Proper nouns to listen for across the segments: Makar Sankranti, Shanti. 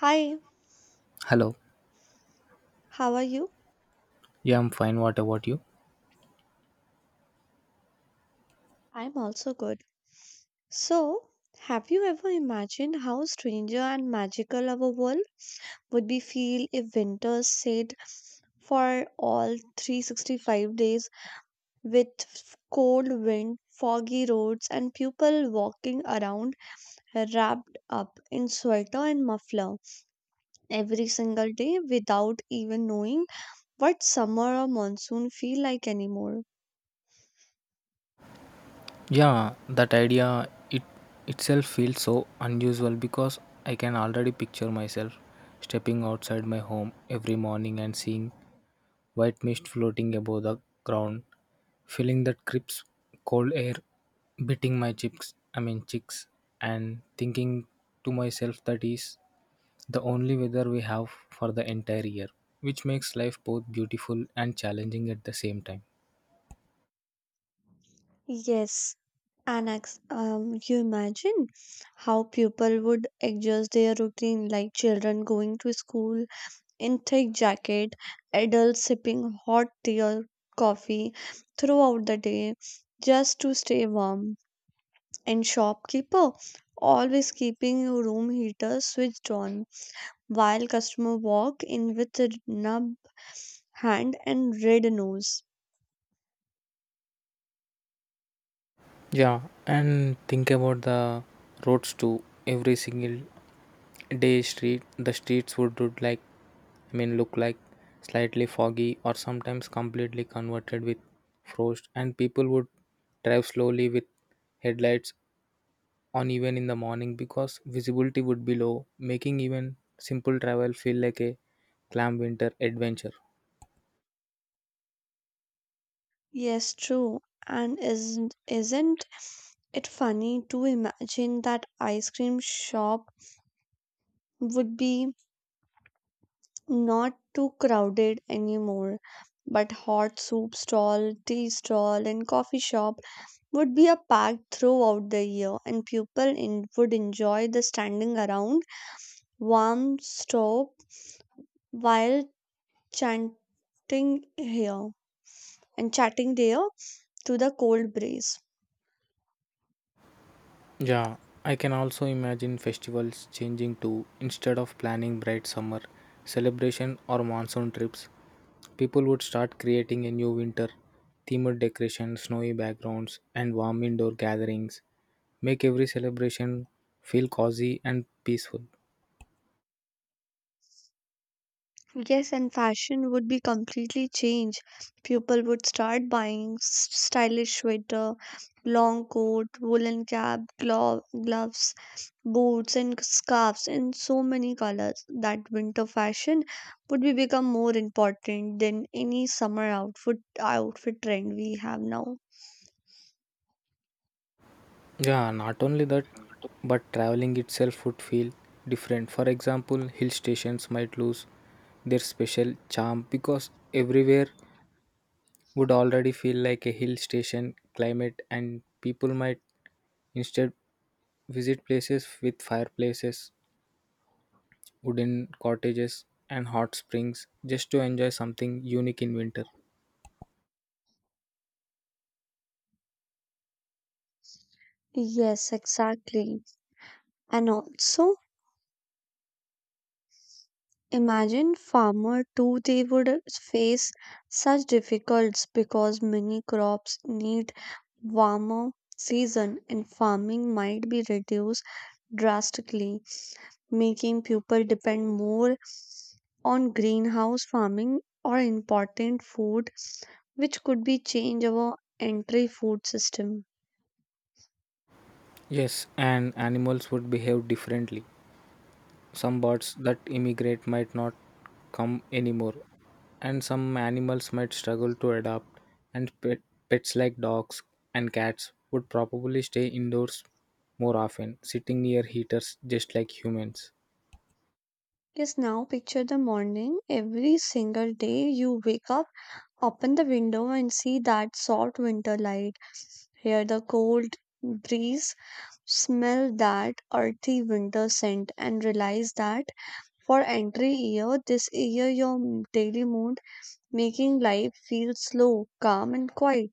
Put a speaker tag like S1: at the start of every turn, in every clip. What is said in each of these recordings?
S1: Hi,
S2: Hello.
S1: how are you?
S2: Yeah, I'm fine. What about you?
S1: I'm also good. So, have you ever imagined how stranger and magical our world would be feel if winter stayed for all 365 days with cold wind, foggy roads, and people walking around wrapped up in sweater and muffler every single day without even knowing what summer or monsoon feel like anymore?
S2: Yeah, that idea it itself feels so unusual because I can already picture myself stepping outside my home every morning and seeing white mist floating above the ground, feeling that crisp cold air beating my cheeks, I mean cheeks, and thinking to myself that is the only weather we have for the entire year, which makes life both beautiful and challenging at the same time.
S1: Yes, Annex, you imagine how people would adjust their routine, like children going to school in thick jacket, adults sipping hot tea or coffee throughout the day just to stay warm, and shopkeeper always keeping room heater switched on while customer walk in with a numb hand and red nose.
S2: Yeah, and think about the roads too. Every single day, street the streets would look like I mean look like slightly foggy or sometimes completely converted with frost, and people would drive slowly with headlights on even in the morning because visibility would be low, making even simple travel feel like a clam winter adventure.
S1: Yes, true. And isn't it's funny to imagine that ice cream shop would be not too crowded anymore, but hot soup stall, tea stall, and coffee shop would be a packed throughout the year, and people would enjoy the standing around warm stove while chanting here and chatting there to the cold breeze.
S2: Yeah, I can also imagine festivals changing to instead of planning bright summer celebration or monsoon trips, people would start creating a new winter themed decoration, snowy backgrounds, and warm indoor gatherings. Make every celebration feel cozy and peaceful.
S1: Yes, and fashion would be completely changed. People would start buying stylish sweater, long coat, woolen cap, gloves, boots, and scarves in so many colors that winter fashion would be become more important than any summer outfit trend we have now.
S2: Yeah, not only that, but traveling itself would feel different. For example, hill stations might lose their special charm because everywhere would already feel like a hill station climate, and people might instead visit places with fireplaces, wooden cottages, and hot springs just to enjoy something unique in winter.
S1: Yes, exactly. And also, imagine farmer too, they would face such difficulties because many crops need warmer season and farming might be reduced drastically, making people depend more on greenhouse farming or important food, which could be change our entry food system.
S2: Yes, and animals would behave differently. Some birds that immigrate might not come anymore, and some animals might struggle to adapt, and pets like dogs and cats would probably stay indoors more often, sitting near heaters just like humans.
S1: Yes, now picture the morning. Every single day you wake up, open the window and see that soft winter light. Hear the cold breeze, smell that earthy winter scent, and realize that for entry year, this year your daily mood making life feel slow, calm, and quiet.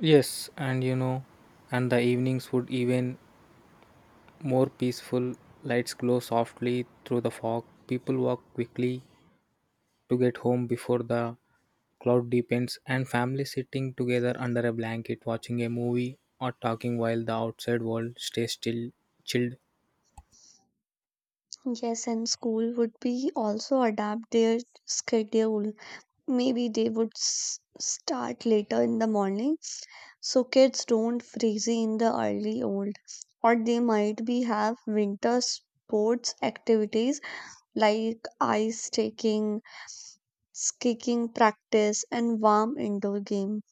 S2: Yes, and the evenings would even more peaceful. Lights glow softly through the fog. People walk quickly to get home before the cloud deepens, and families sitting together under a blanket watching a movie or talking while the outside world stays still, chilled.
S1: Yes, and school would be also adapt their schedule. Maybe they would start later in the morning so kids don't freeze in the early old, or they might be have winter sports activities like ice taking, kicking practice, and warm indoor game.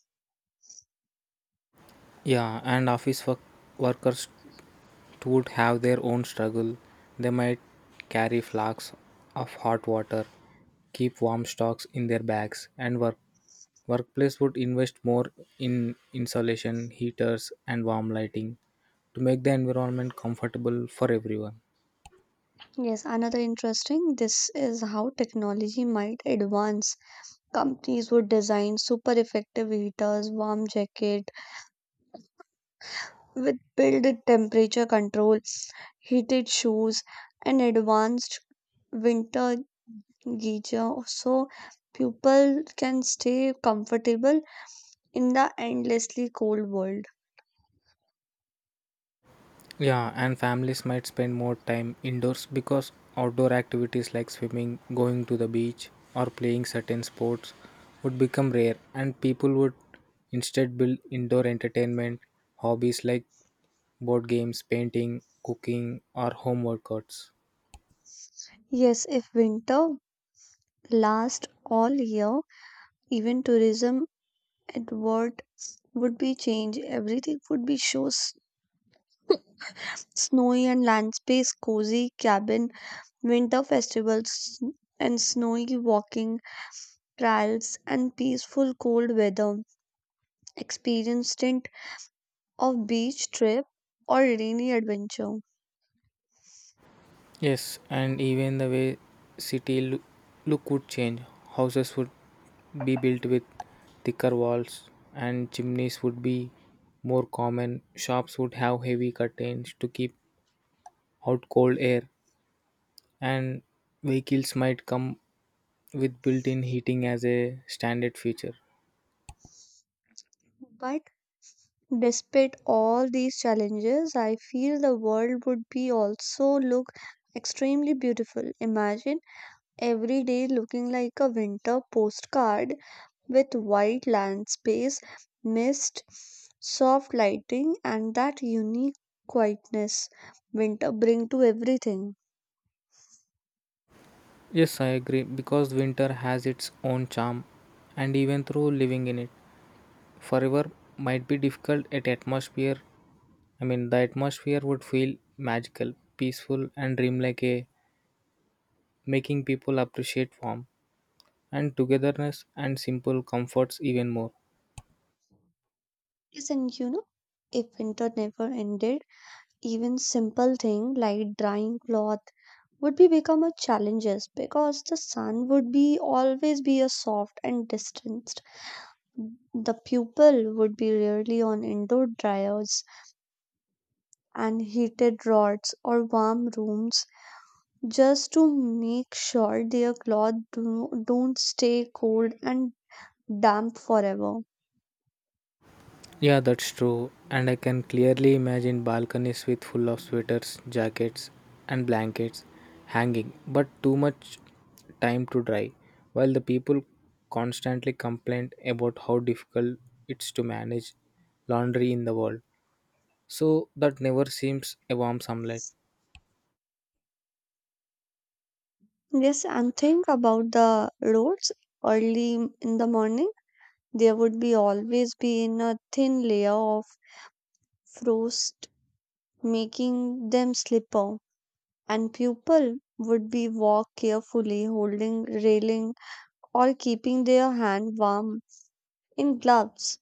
S2: Yeah, and office workers would have their own struggle. They might carry flags of hot water, keep warm stocks in their bags, and Workplace would invest more in insulation, heaters, and warm lighting to make the environment comfortable for everyone.
S1: Yes, another interesting this is how technology might advance. Companies would design super effective heaters, warm jacket with built-in temperature control, heated shoes, and advanced winter geyser so people can stay comfortable in the endlessly cold world.
S2: Yeah, and families might spend more time indoors because outdoor activities like swimming, going to the beach, or playing certain sports would become rare, and people would instead build indoor entertainment hobbies like board games, painting, cooking, or home workouts.
S1: Yes, if winter lasts all year, even tourism Edward would be changed. Everything would be shows snowy and land space, cozy cabin, winter festivals, and snowy walking trails and peaceful cold weather. Experience stint of beach trip or rainy adventure.
S2: Yes, and even the way city look would change. Houses would be built with thicker walls and chimneys would be more common. Shops would have heavy curtains to keep out cold air and vehicles might come with built-in heating as a standard feature.
S1: But despite all these challenges, I feel the world would be also look extremely beautiful. Imagine every day looking like a winter postcard with wide landspace, mist, soft lighting, and that unique quietness winter bring to everything.
S2: Yes, I agree because winter has its own charm and even through living in it forever might be difficult at atmosphere I mean, the atmosphere would feel magical, peaceful, and dreamlike, making people appreciate warmth and togetherness and simple comforts even more.
S1: Yes, and if winter never ended, even simple thing like drying cloth would be become a challenges because the sun would be always be a soft and distanced. The pupil would be rarely on indoor dryers and heated rods or warm rooms just to make sure their clothes don't stay cold and damp forever.
S2: Yeah, that's true. And I can clearly imagine balconies with full of sweaters, jackets, and blankets hanging, but too much time to dry, while the people constantly complain about how difficult it's to manage laundry in the world. So that never seems a warm sunlight.
S1: Yes, and think about the roads early in the morning. There would be always be in a thin layer of frost, making them slipper. And people would be walk carefully, holding railing or keeping their hand warm in gloves,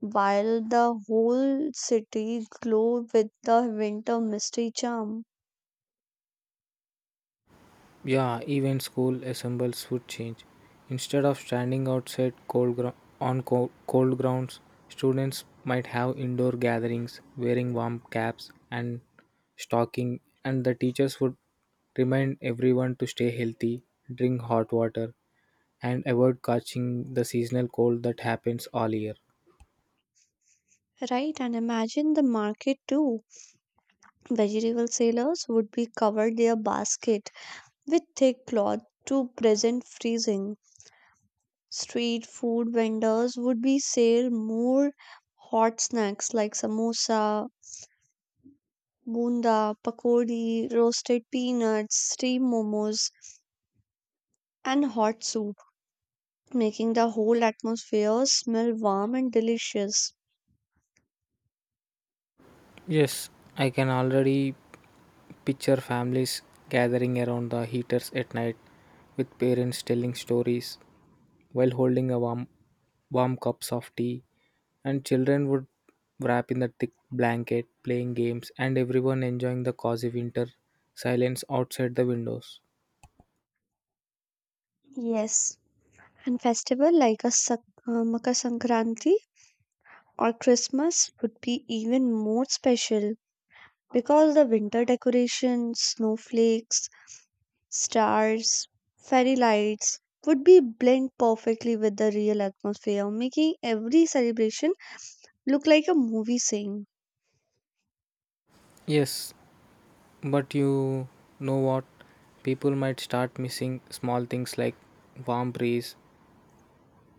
S1: while the whole city glow with the winter mystery charm.
S2: Yeah, even school assembles would change. Instead of standing outside on cold grounds, students might have indoor gatherings wearing warm caps and stocking and the teachers would remind everyone to stay healthy, drink hot water and avoid catching the seasonal cold that happens all year.
S1: Right, and imagine the market too. Vegetable sellers would be covered their basket with thick cloth to prevent freezing. Street food vendors would be sell more hot snacks like samosa, bunda, pakodi, roasted peanuts, steamed momos, and hot soup, making the whole atmosphere smell warm and delicious.
S2: Yes, I can already picture families gathering around the heaters at night with parents telling stories while holding a warm cups of tea, and children would wrap in the thick blanket, playing games, and everyone enjoying the cozy winter silence outside the windows.
S1: Yes, and festival like a Makar Sankranti or Christmas would be even more special because the winter decorations, snowflakes, stars, fairy lights would be blend perfectly with the real atmosphere, making every celebration look like a movie scene.
S2: Yes, but you know what? People might start missing small things like warm breeze,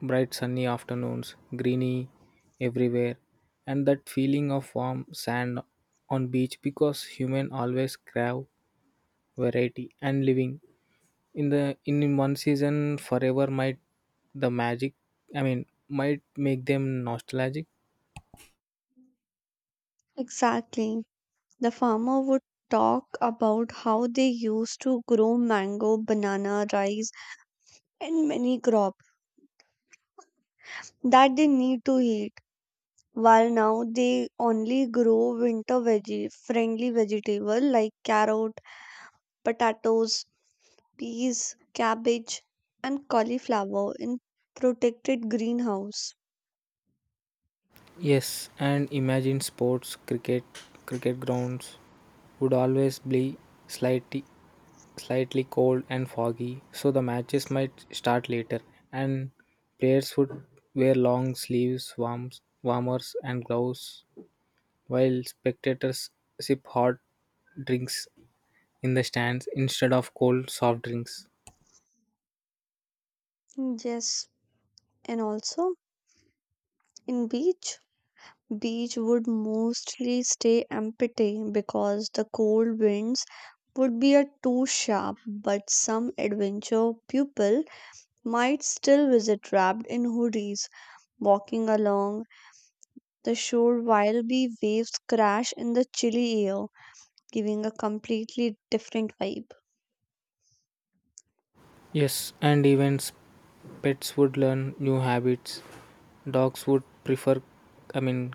S2: bright sunny afternoons, greeny everywhere, and that feeling of warm sand on beach because human always crave variety and living in one season forever might the magic I mean might make them nostalgic.
S1: Exactly. The farmer would talk about how they used to grow mango, banana, rice, and many crop that they need to eat, while now they only grow winter veggie friendly vegetable like carrot, potatoes, peas, cabbage and cauliflower in protected greenhouse.
S2: Yes, and imagine sports cricket grounds would always be slightly slightly cold and foggy so the matches might start later and players would wear long sleeves warmers and gloves while spectators sip hot drinks in the stands instead of cold soft drinks.
S1: Yes, and also in beach would mostly stay empty because the cold winds would be a too sharp, but some adventure people might still visit wrapped in hoodies walking along the shore while the waves crash in the chilly air, giving a completely different vibe.
S2: Yes, and events pets would learn new habits. Dogs would prefer I mean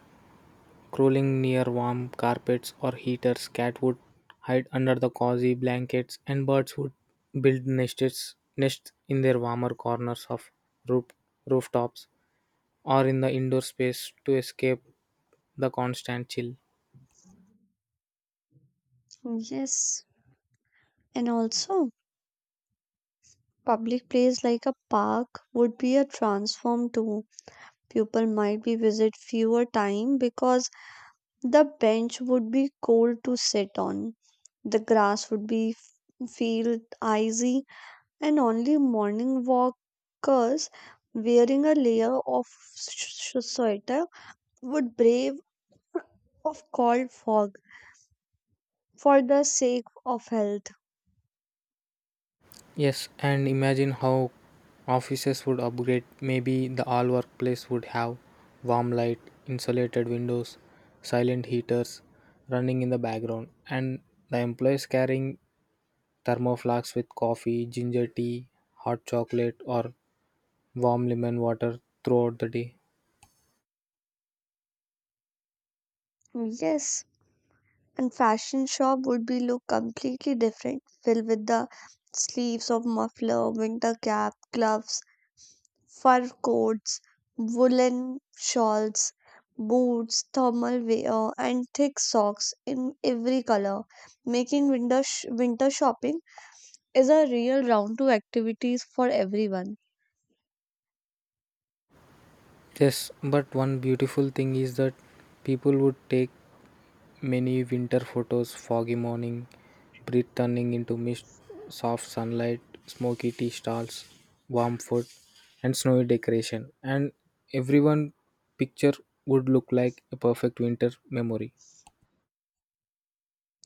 S2: crawling near warm carpets or heaters. Cat would hide under the cozy blankets and birds would build nests in their warmer corners of roof rooftops or in the indoor space to escape the constant chill.
S1: Yes, and also public place like a park would be a transform too. People might be visit fewer time because the bench would be cold to sit on. The grass would be feel icy and only morning walkers wearing a layer of sweater would brave of cold fog for the sake of health.
S2: Yes, and imagine how offices would upgrade. Maybe the all workplace would have warm light, insulated windows, silent heaters running in the background, and the employees carrying thermoflasks with coffee, ginger tea, hot chocolate, or warm lemon water throughout the day.
S1: Yes, and fashion shop would be look completely different, filled with the sleeves of muffler, winter cap, gloves, fur coats, woolen shawls, boots, thermal wear, and thick socks in every color, making winter shopping is a real round to activities for everyone.
S2: Yes, but one beautiful thing is that people would take many winter photos, foggy morning, breath turning into mist, soft sunlight, smoky tea stalls, warm food, and snowy decoration. And everyone picture would look like a perfect winter memory.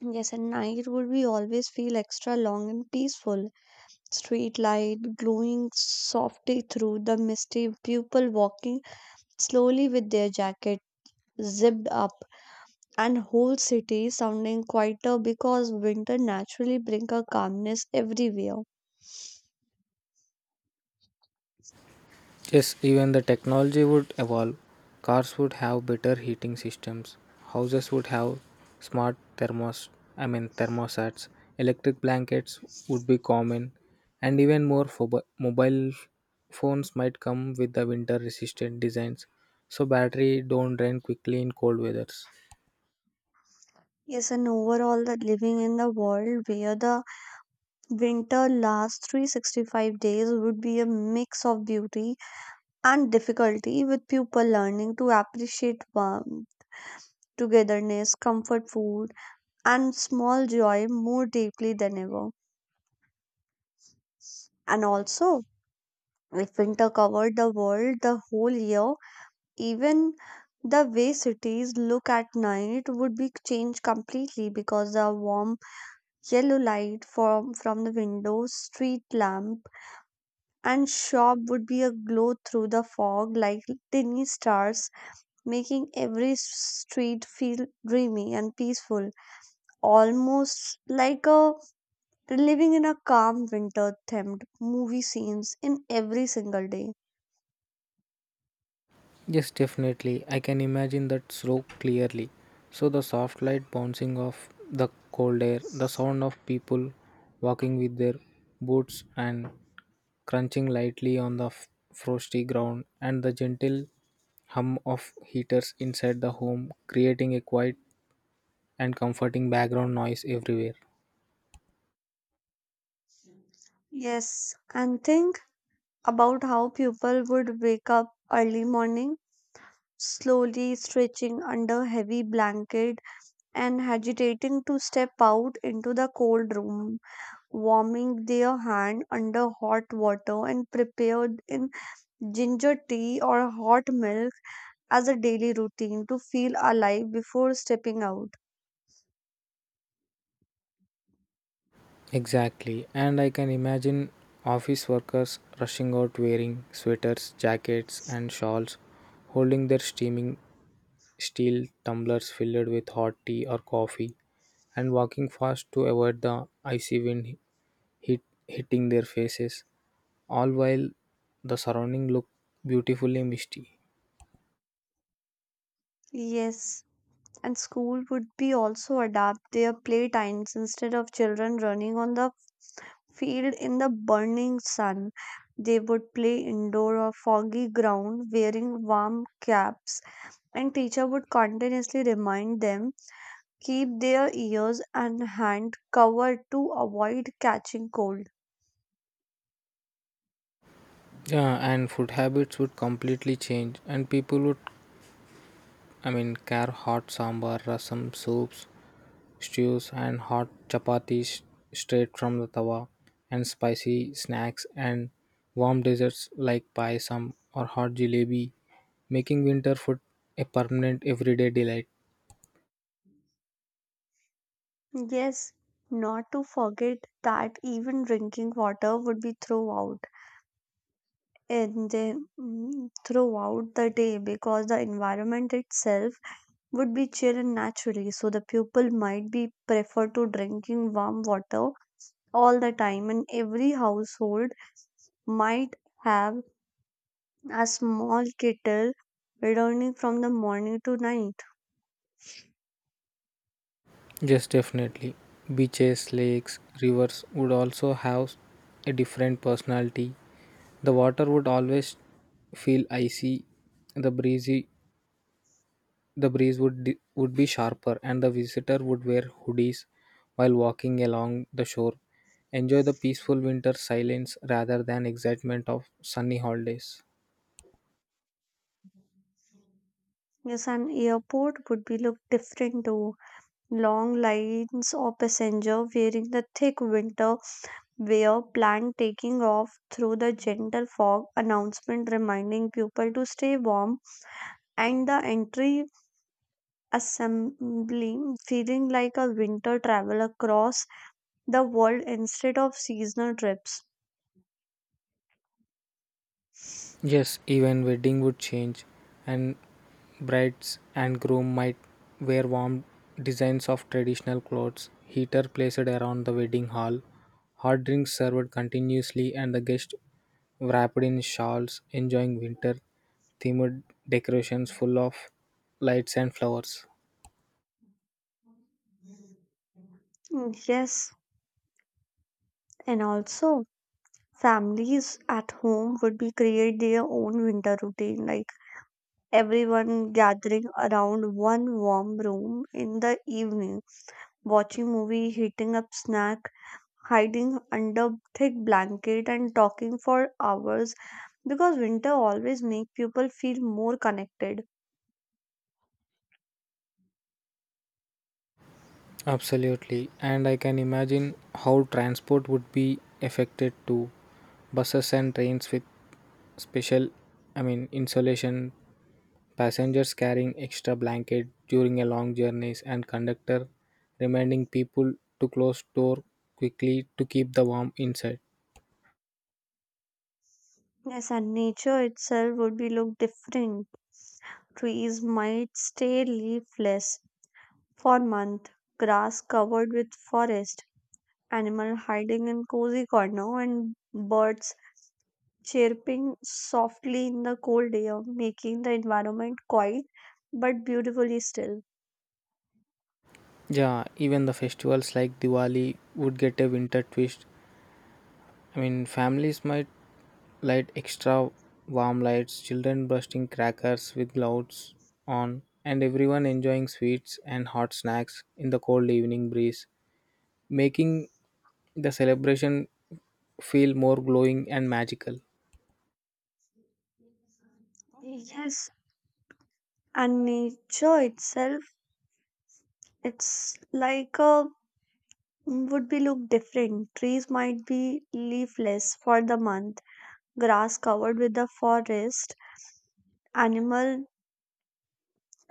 S1: Yes, and night would be always feel extra long and peaceful, street light glowing softly through the misty people walking slowly with their jacket zipped up, and whole city sounding quieter because winter naturally bring a calmness everywhere.
S2: Yes, even the technology would evolve. Cars would have better heating systems. Houses would have smart thermos I mean thermostats. Electric blankets would be common and even more mobile phones might come with the winter resistant designs so battery don't drain quickly in cold weathers.
S1: Yes, and overall that living in the world where the winter lasts 365 days would be a mix of beauty and difficulty, with people learning to appreciate warmth, togetherness, comfort food, and small joy more deeply than ever. And also, if winter covered the world the whole year, even the way cities look at night would be changed completely because the warm yellow light from the window, street lamp, and shop would be aglow through the fog like tiny stars, making every street feel dreamy and peaceful, almost like a living in a calm winter themed movie scenes in every single day.
S2: Yes, definitely. I can imagine that slope clearly. So the soft light bouncing off the cold air, the sound of people walking with their boots and crunching lightly on the frosty ground, and the gentle hum of heaters inside the home, creating a quiet and comforting background noise everywhere.
S1: Yes, and think about how people would wake up early morning, slowly stretching under heavy blanket and agitating to step out into the cold room, warming their hand under hot water and prepared in ginger tea or hot milk as a daily routine to feel alive before stepping out.
S2: Exactly, and I can imagine office workers rushing out wearing sweaters, jackets, and shawls, holding their steaming steel tumblers filled with hot tea or coffee, and walking fast to avoid the icy wind hit, hitting their faces, all while the surrounding looked beautifully misty.
S1: Yes, and school would be also adapt their playtimes instead of children running on the field in the burning sun. They would play indoor or foggy ground wearing warm caps, and teacher would continuously remind them keep their ears and hand covered to avoid catching cold.
S2: Yeah, and food habits would completely change, and people would, I mean, care hot sambar, rasam, soups, stews and hot chapatis straight from the tawa, and spicy snacks and warm desserts like payasam or hot jalebi, making winter food a permanent everyday delight.
S1: Yes, not to forget that even drinking water would be thrown out and then throughout the day because the environment itself would be chill and naturally. So the pupil might be prefer to drinking warm water all the time, and every household might have a small kettle returning from the morning to night.
S2: Yes, definitely. Beaches, lakes, rivers would also have a different personality. The water would always feel icy, the breezy The breeze would would be sharper, and the visitor would wear hoodies while walking along the shore. Enjoy the peaceful winter silence rather than excitement of sunny holidays.
S1: Yes, an airport would be look different too. Long lines of passenger wearing the thick winter wear, plan taking off through the gentle fog, announcement reminding people to stay warm, and the entry assembly feeling like a winter travel across the world instead of seasonal trips.
S2: Yes, even wedding would change, and brides and groom might wear warm designs of traditional clothes, heater placed around the wedding hall, hot drinks served continuously, and the guests wrapped in shawls, enjoying winter themed decorations full of lights and flowers.
S1: Mm, yes, and also families at home would be create their own winter routine, like everyone gathering around one warm room in the evening, watching movie, heating up snack, hiding under thick blanket and talking for hours because winter always make people feel more connected.
S2: Absolutely. And I can imagine how transport would be affected too. Buses and trains with special, I mean, insulation, passengers carrying extra blanket during a long journeys, and conductor reminding people to close door quickly to keep the warm inside.
S1: Yes, and nature itself would be look different. Trees might stay leafless for months, grass covered with forest, animal hiding in cozy corner, and birds chirping softly in the cold air, making the environment quiet but beautifully still.
S2: Yeah, even the festivals like Diwali would get a winter twist. I mean, families might light extra warm lights, children bursting crackers with loads on, and everyone enjoying sweets and hot snacks in the cold evening breeze, making the celebration feel more glowing and magical.
S1: Yes, and nature itself, it's like a would be look different. Trees might be leafless for the month, grass covered with the forest, animal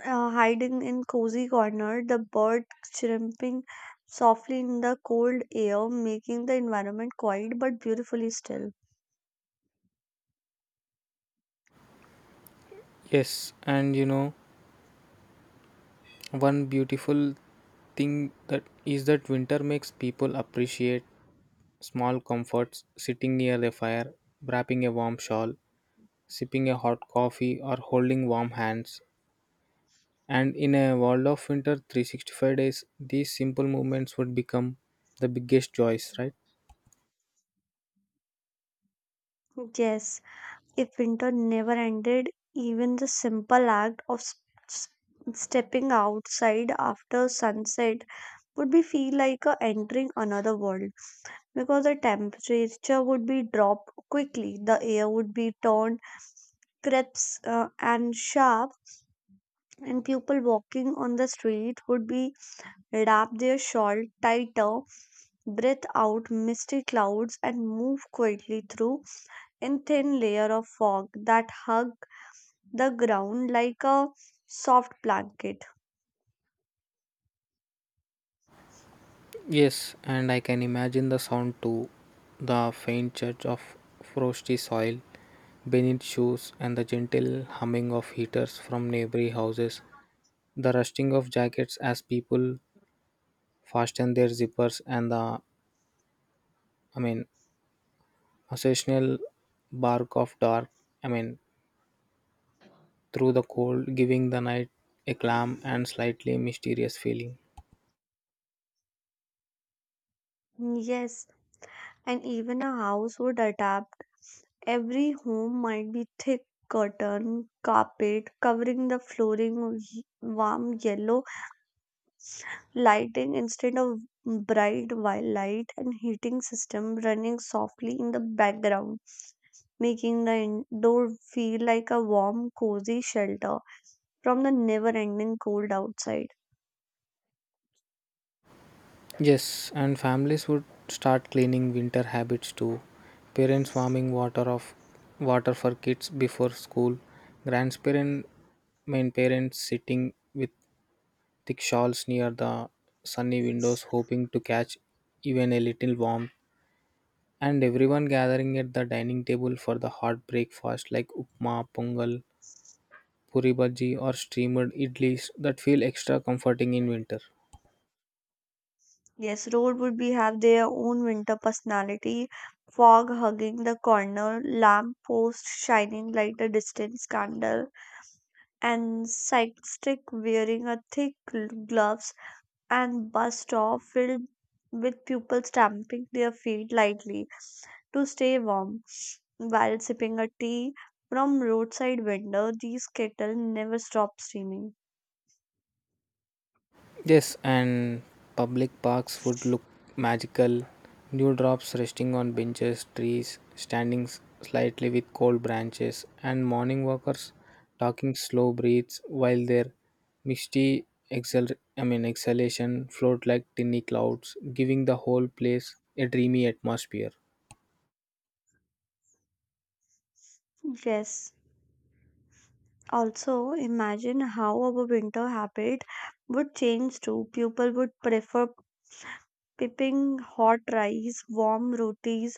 S1: hiding in cozy corner, the bird chirping softly in the cold air, making the environment quiet but beautifully still.
S2: Yes, and one beautiful thing that is that winter makes people appreciate small comforts, sitting near the fire, wrapping a warm shawl, sipping a hot coffee or holding warm hands. And in a world of winter 365 days, these simple movements would become the biggest joys, right?
S1: Yes, if winter never ended, even the simple act of s- stepping outside after sunset would be feel like a entering another world because the temperature would be dropped quickly, the air would be turned crisp and sharp, and people walking on the street would be wrap their shawl tighter, breathe out misty clouds, and move quietly through in thin layer of fog that hug the ground like a soft blanket.
S2: Yes, and I can imagine the sound too. The faint church of frosty soil beneath shoes and the gentle humming of heaters from neighboring houses. The rusting of jackets as people fasten their zippers and the I mean occasional bark of dark I mean through the cold giving the night a calm and slightly mysterious feeling.
S1: Yes, and even a house would adapt. Every home might be thick curtain, carpet covering the flooring, warm yellow lighting instead of bright white light, and heating system running softly in the background, making the indoor feel like a warm cozy shelter from the never ending cold outside.
S2: Yes, and families would start cleaning winter habits too. Parents warming water for kids before school. Grandparents, main parents sitting with thick shawls near the sunny windows, hoping to catch even a little warmth. And everyone gathering at the dining table for the hot breakfast like upma, pongal, puri bhaji, or steamed idlis that feel extra comforting in winter.
S1: Yes, road would be have their own winter personality, fog hugging the corner, lamp post shining like a distant candle and cyclist wearing a thick gloves, and bus stop filled with people stamping their feet lightly to stay warm while sipping a tea from roadside window, these kettle never stop steaming.
S2: Yes, and public parks would look magical. New drops resting on benches, trees, standing slightly with cold branches, and morning walkers talking slow breaths while their misty I mean exhalation float like tiny clouds, giving the whole place a dreamy atmosphere.
S1: Yes, also imagine how our winter habit would change too. People would prefer pipping hot rice, warm rotis,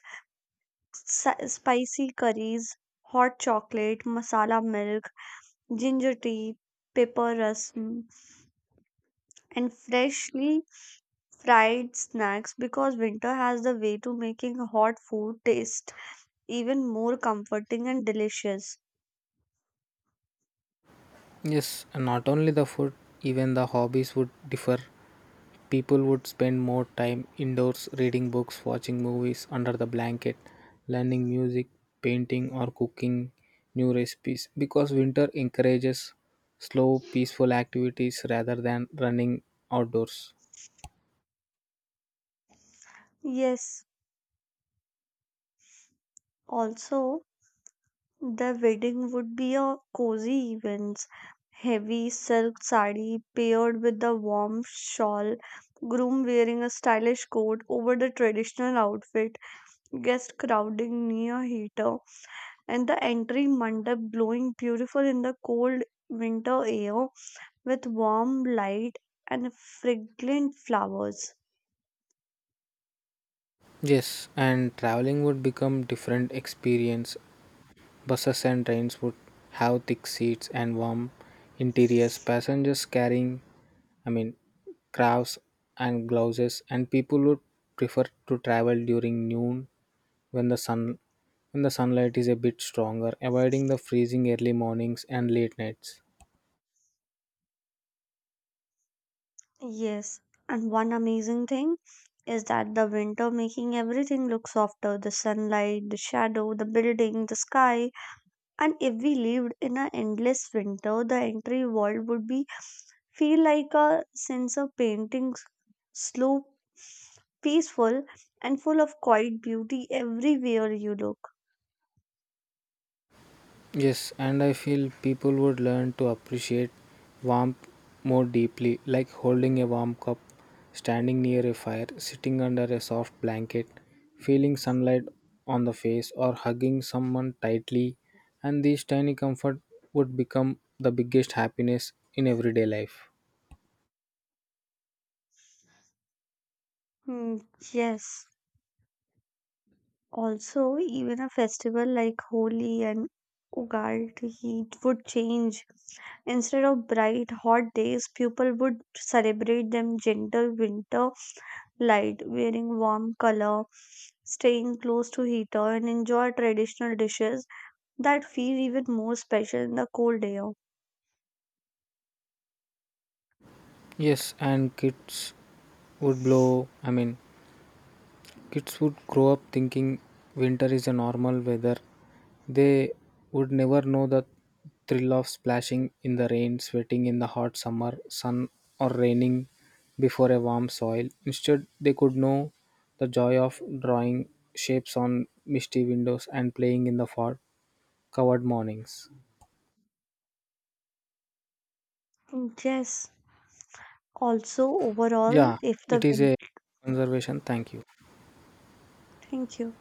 S1: spicy curries, hot chocolate, masala milk, ginger tea, pepper rasam, and freshly fried snacks because winter has the way to making hot food taste even more comforting and delicious.
S2: Yes, and not only the food, even the hobbies would differ. People would spend more time indoors reading books, watching movies under the blanket, learning music, painting, or cooking new recipes because winter encourages slow, peaceful activities rather than running outdoors.
S1: Yes, also the wedding would be a cozy event. Heavy silk sari paired with the warm shawl, groom wearing a stylish coat over the traditional outfit, guest crowding near heater, and the entry mandap blowing beautiful in the cold winter air with warm light and fragrant flowers.
S2: Yes, and traveling would become different experience. Buses and trains would have thick seats and warm interiors, passengers carrying, I mean, crafts and gloves, and people would prefer to travel during noon when the sunlight is a bit stronger, avoiding the freezing early mornings and late nights.
S1: Yes, and one amazing thing is that the winter making everything look softer, the sunlight, the shadow, the building, the sky. And if we lived in an endless winter, the entire world would be feel like a sense of painting, slow, peaceful, and full of quiet beauty everywhere you look.
S2: Yes, and I feel people would learn to appreciate warmth more deeply, like holding a warm cup, standing near a fire, sitting under a soft blanket, feeling sunlight on the face, or hugging someone tightly. And these tiny comfort would become the biggest happiness in everyday life.
S1: Hmm, yes. Also, even a festival like Holi and Ugaldi would change. Instead of bright, hot days, people would celebrate them gentle winter light, wearing warm color, staying close to heater, and enjoy traditional dishes that feel even more special in the cold air.
S2: Yes, and kids would I mean, kids would grow up thinking winter is a normal weather. They would never know the thrill of splashing in the rain, sweating in the hot summer sun, or raining before a warm soil. Instead, they could know the joy of drawing shapes on misty windows and playing in the fog covered mornings.
S1: Yes. Also, overall,
S2: Yeah,
S1: if
S2: it
S1: the
S2: is
S1: wind.
S2: a conservation. Thank you.
S1: Thank you.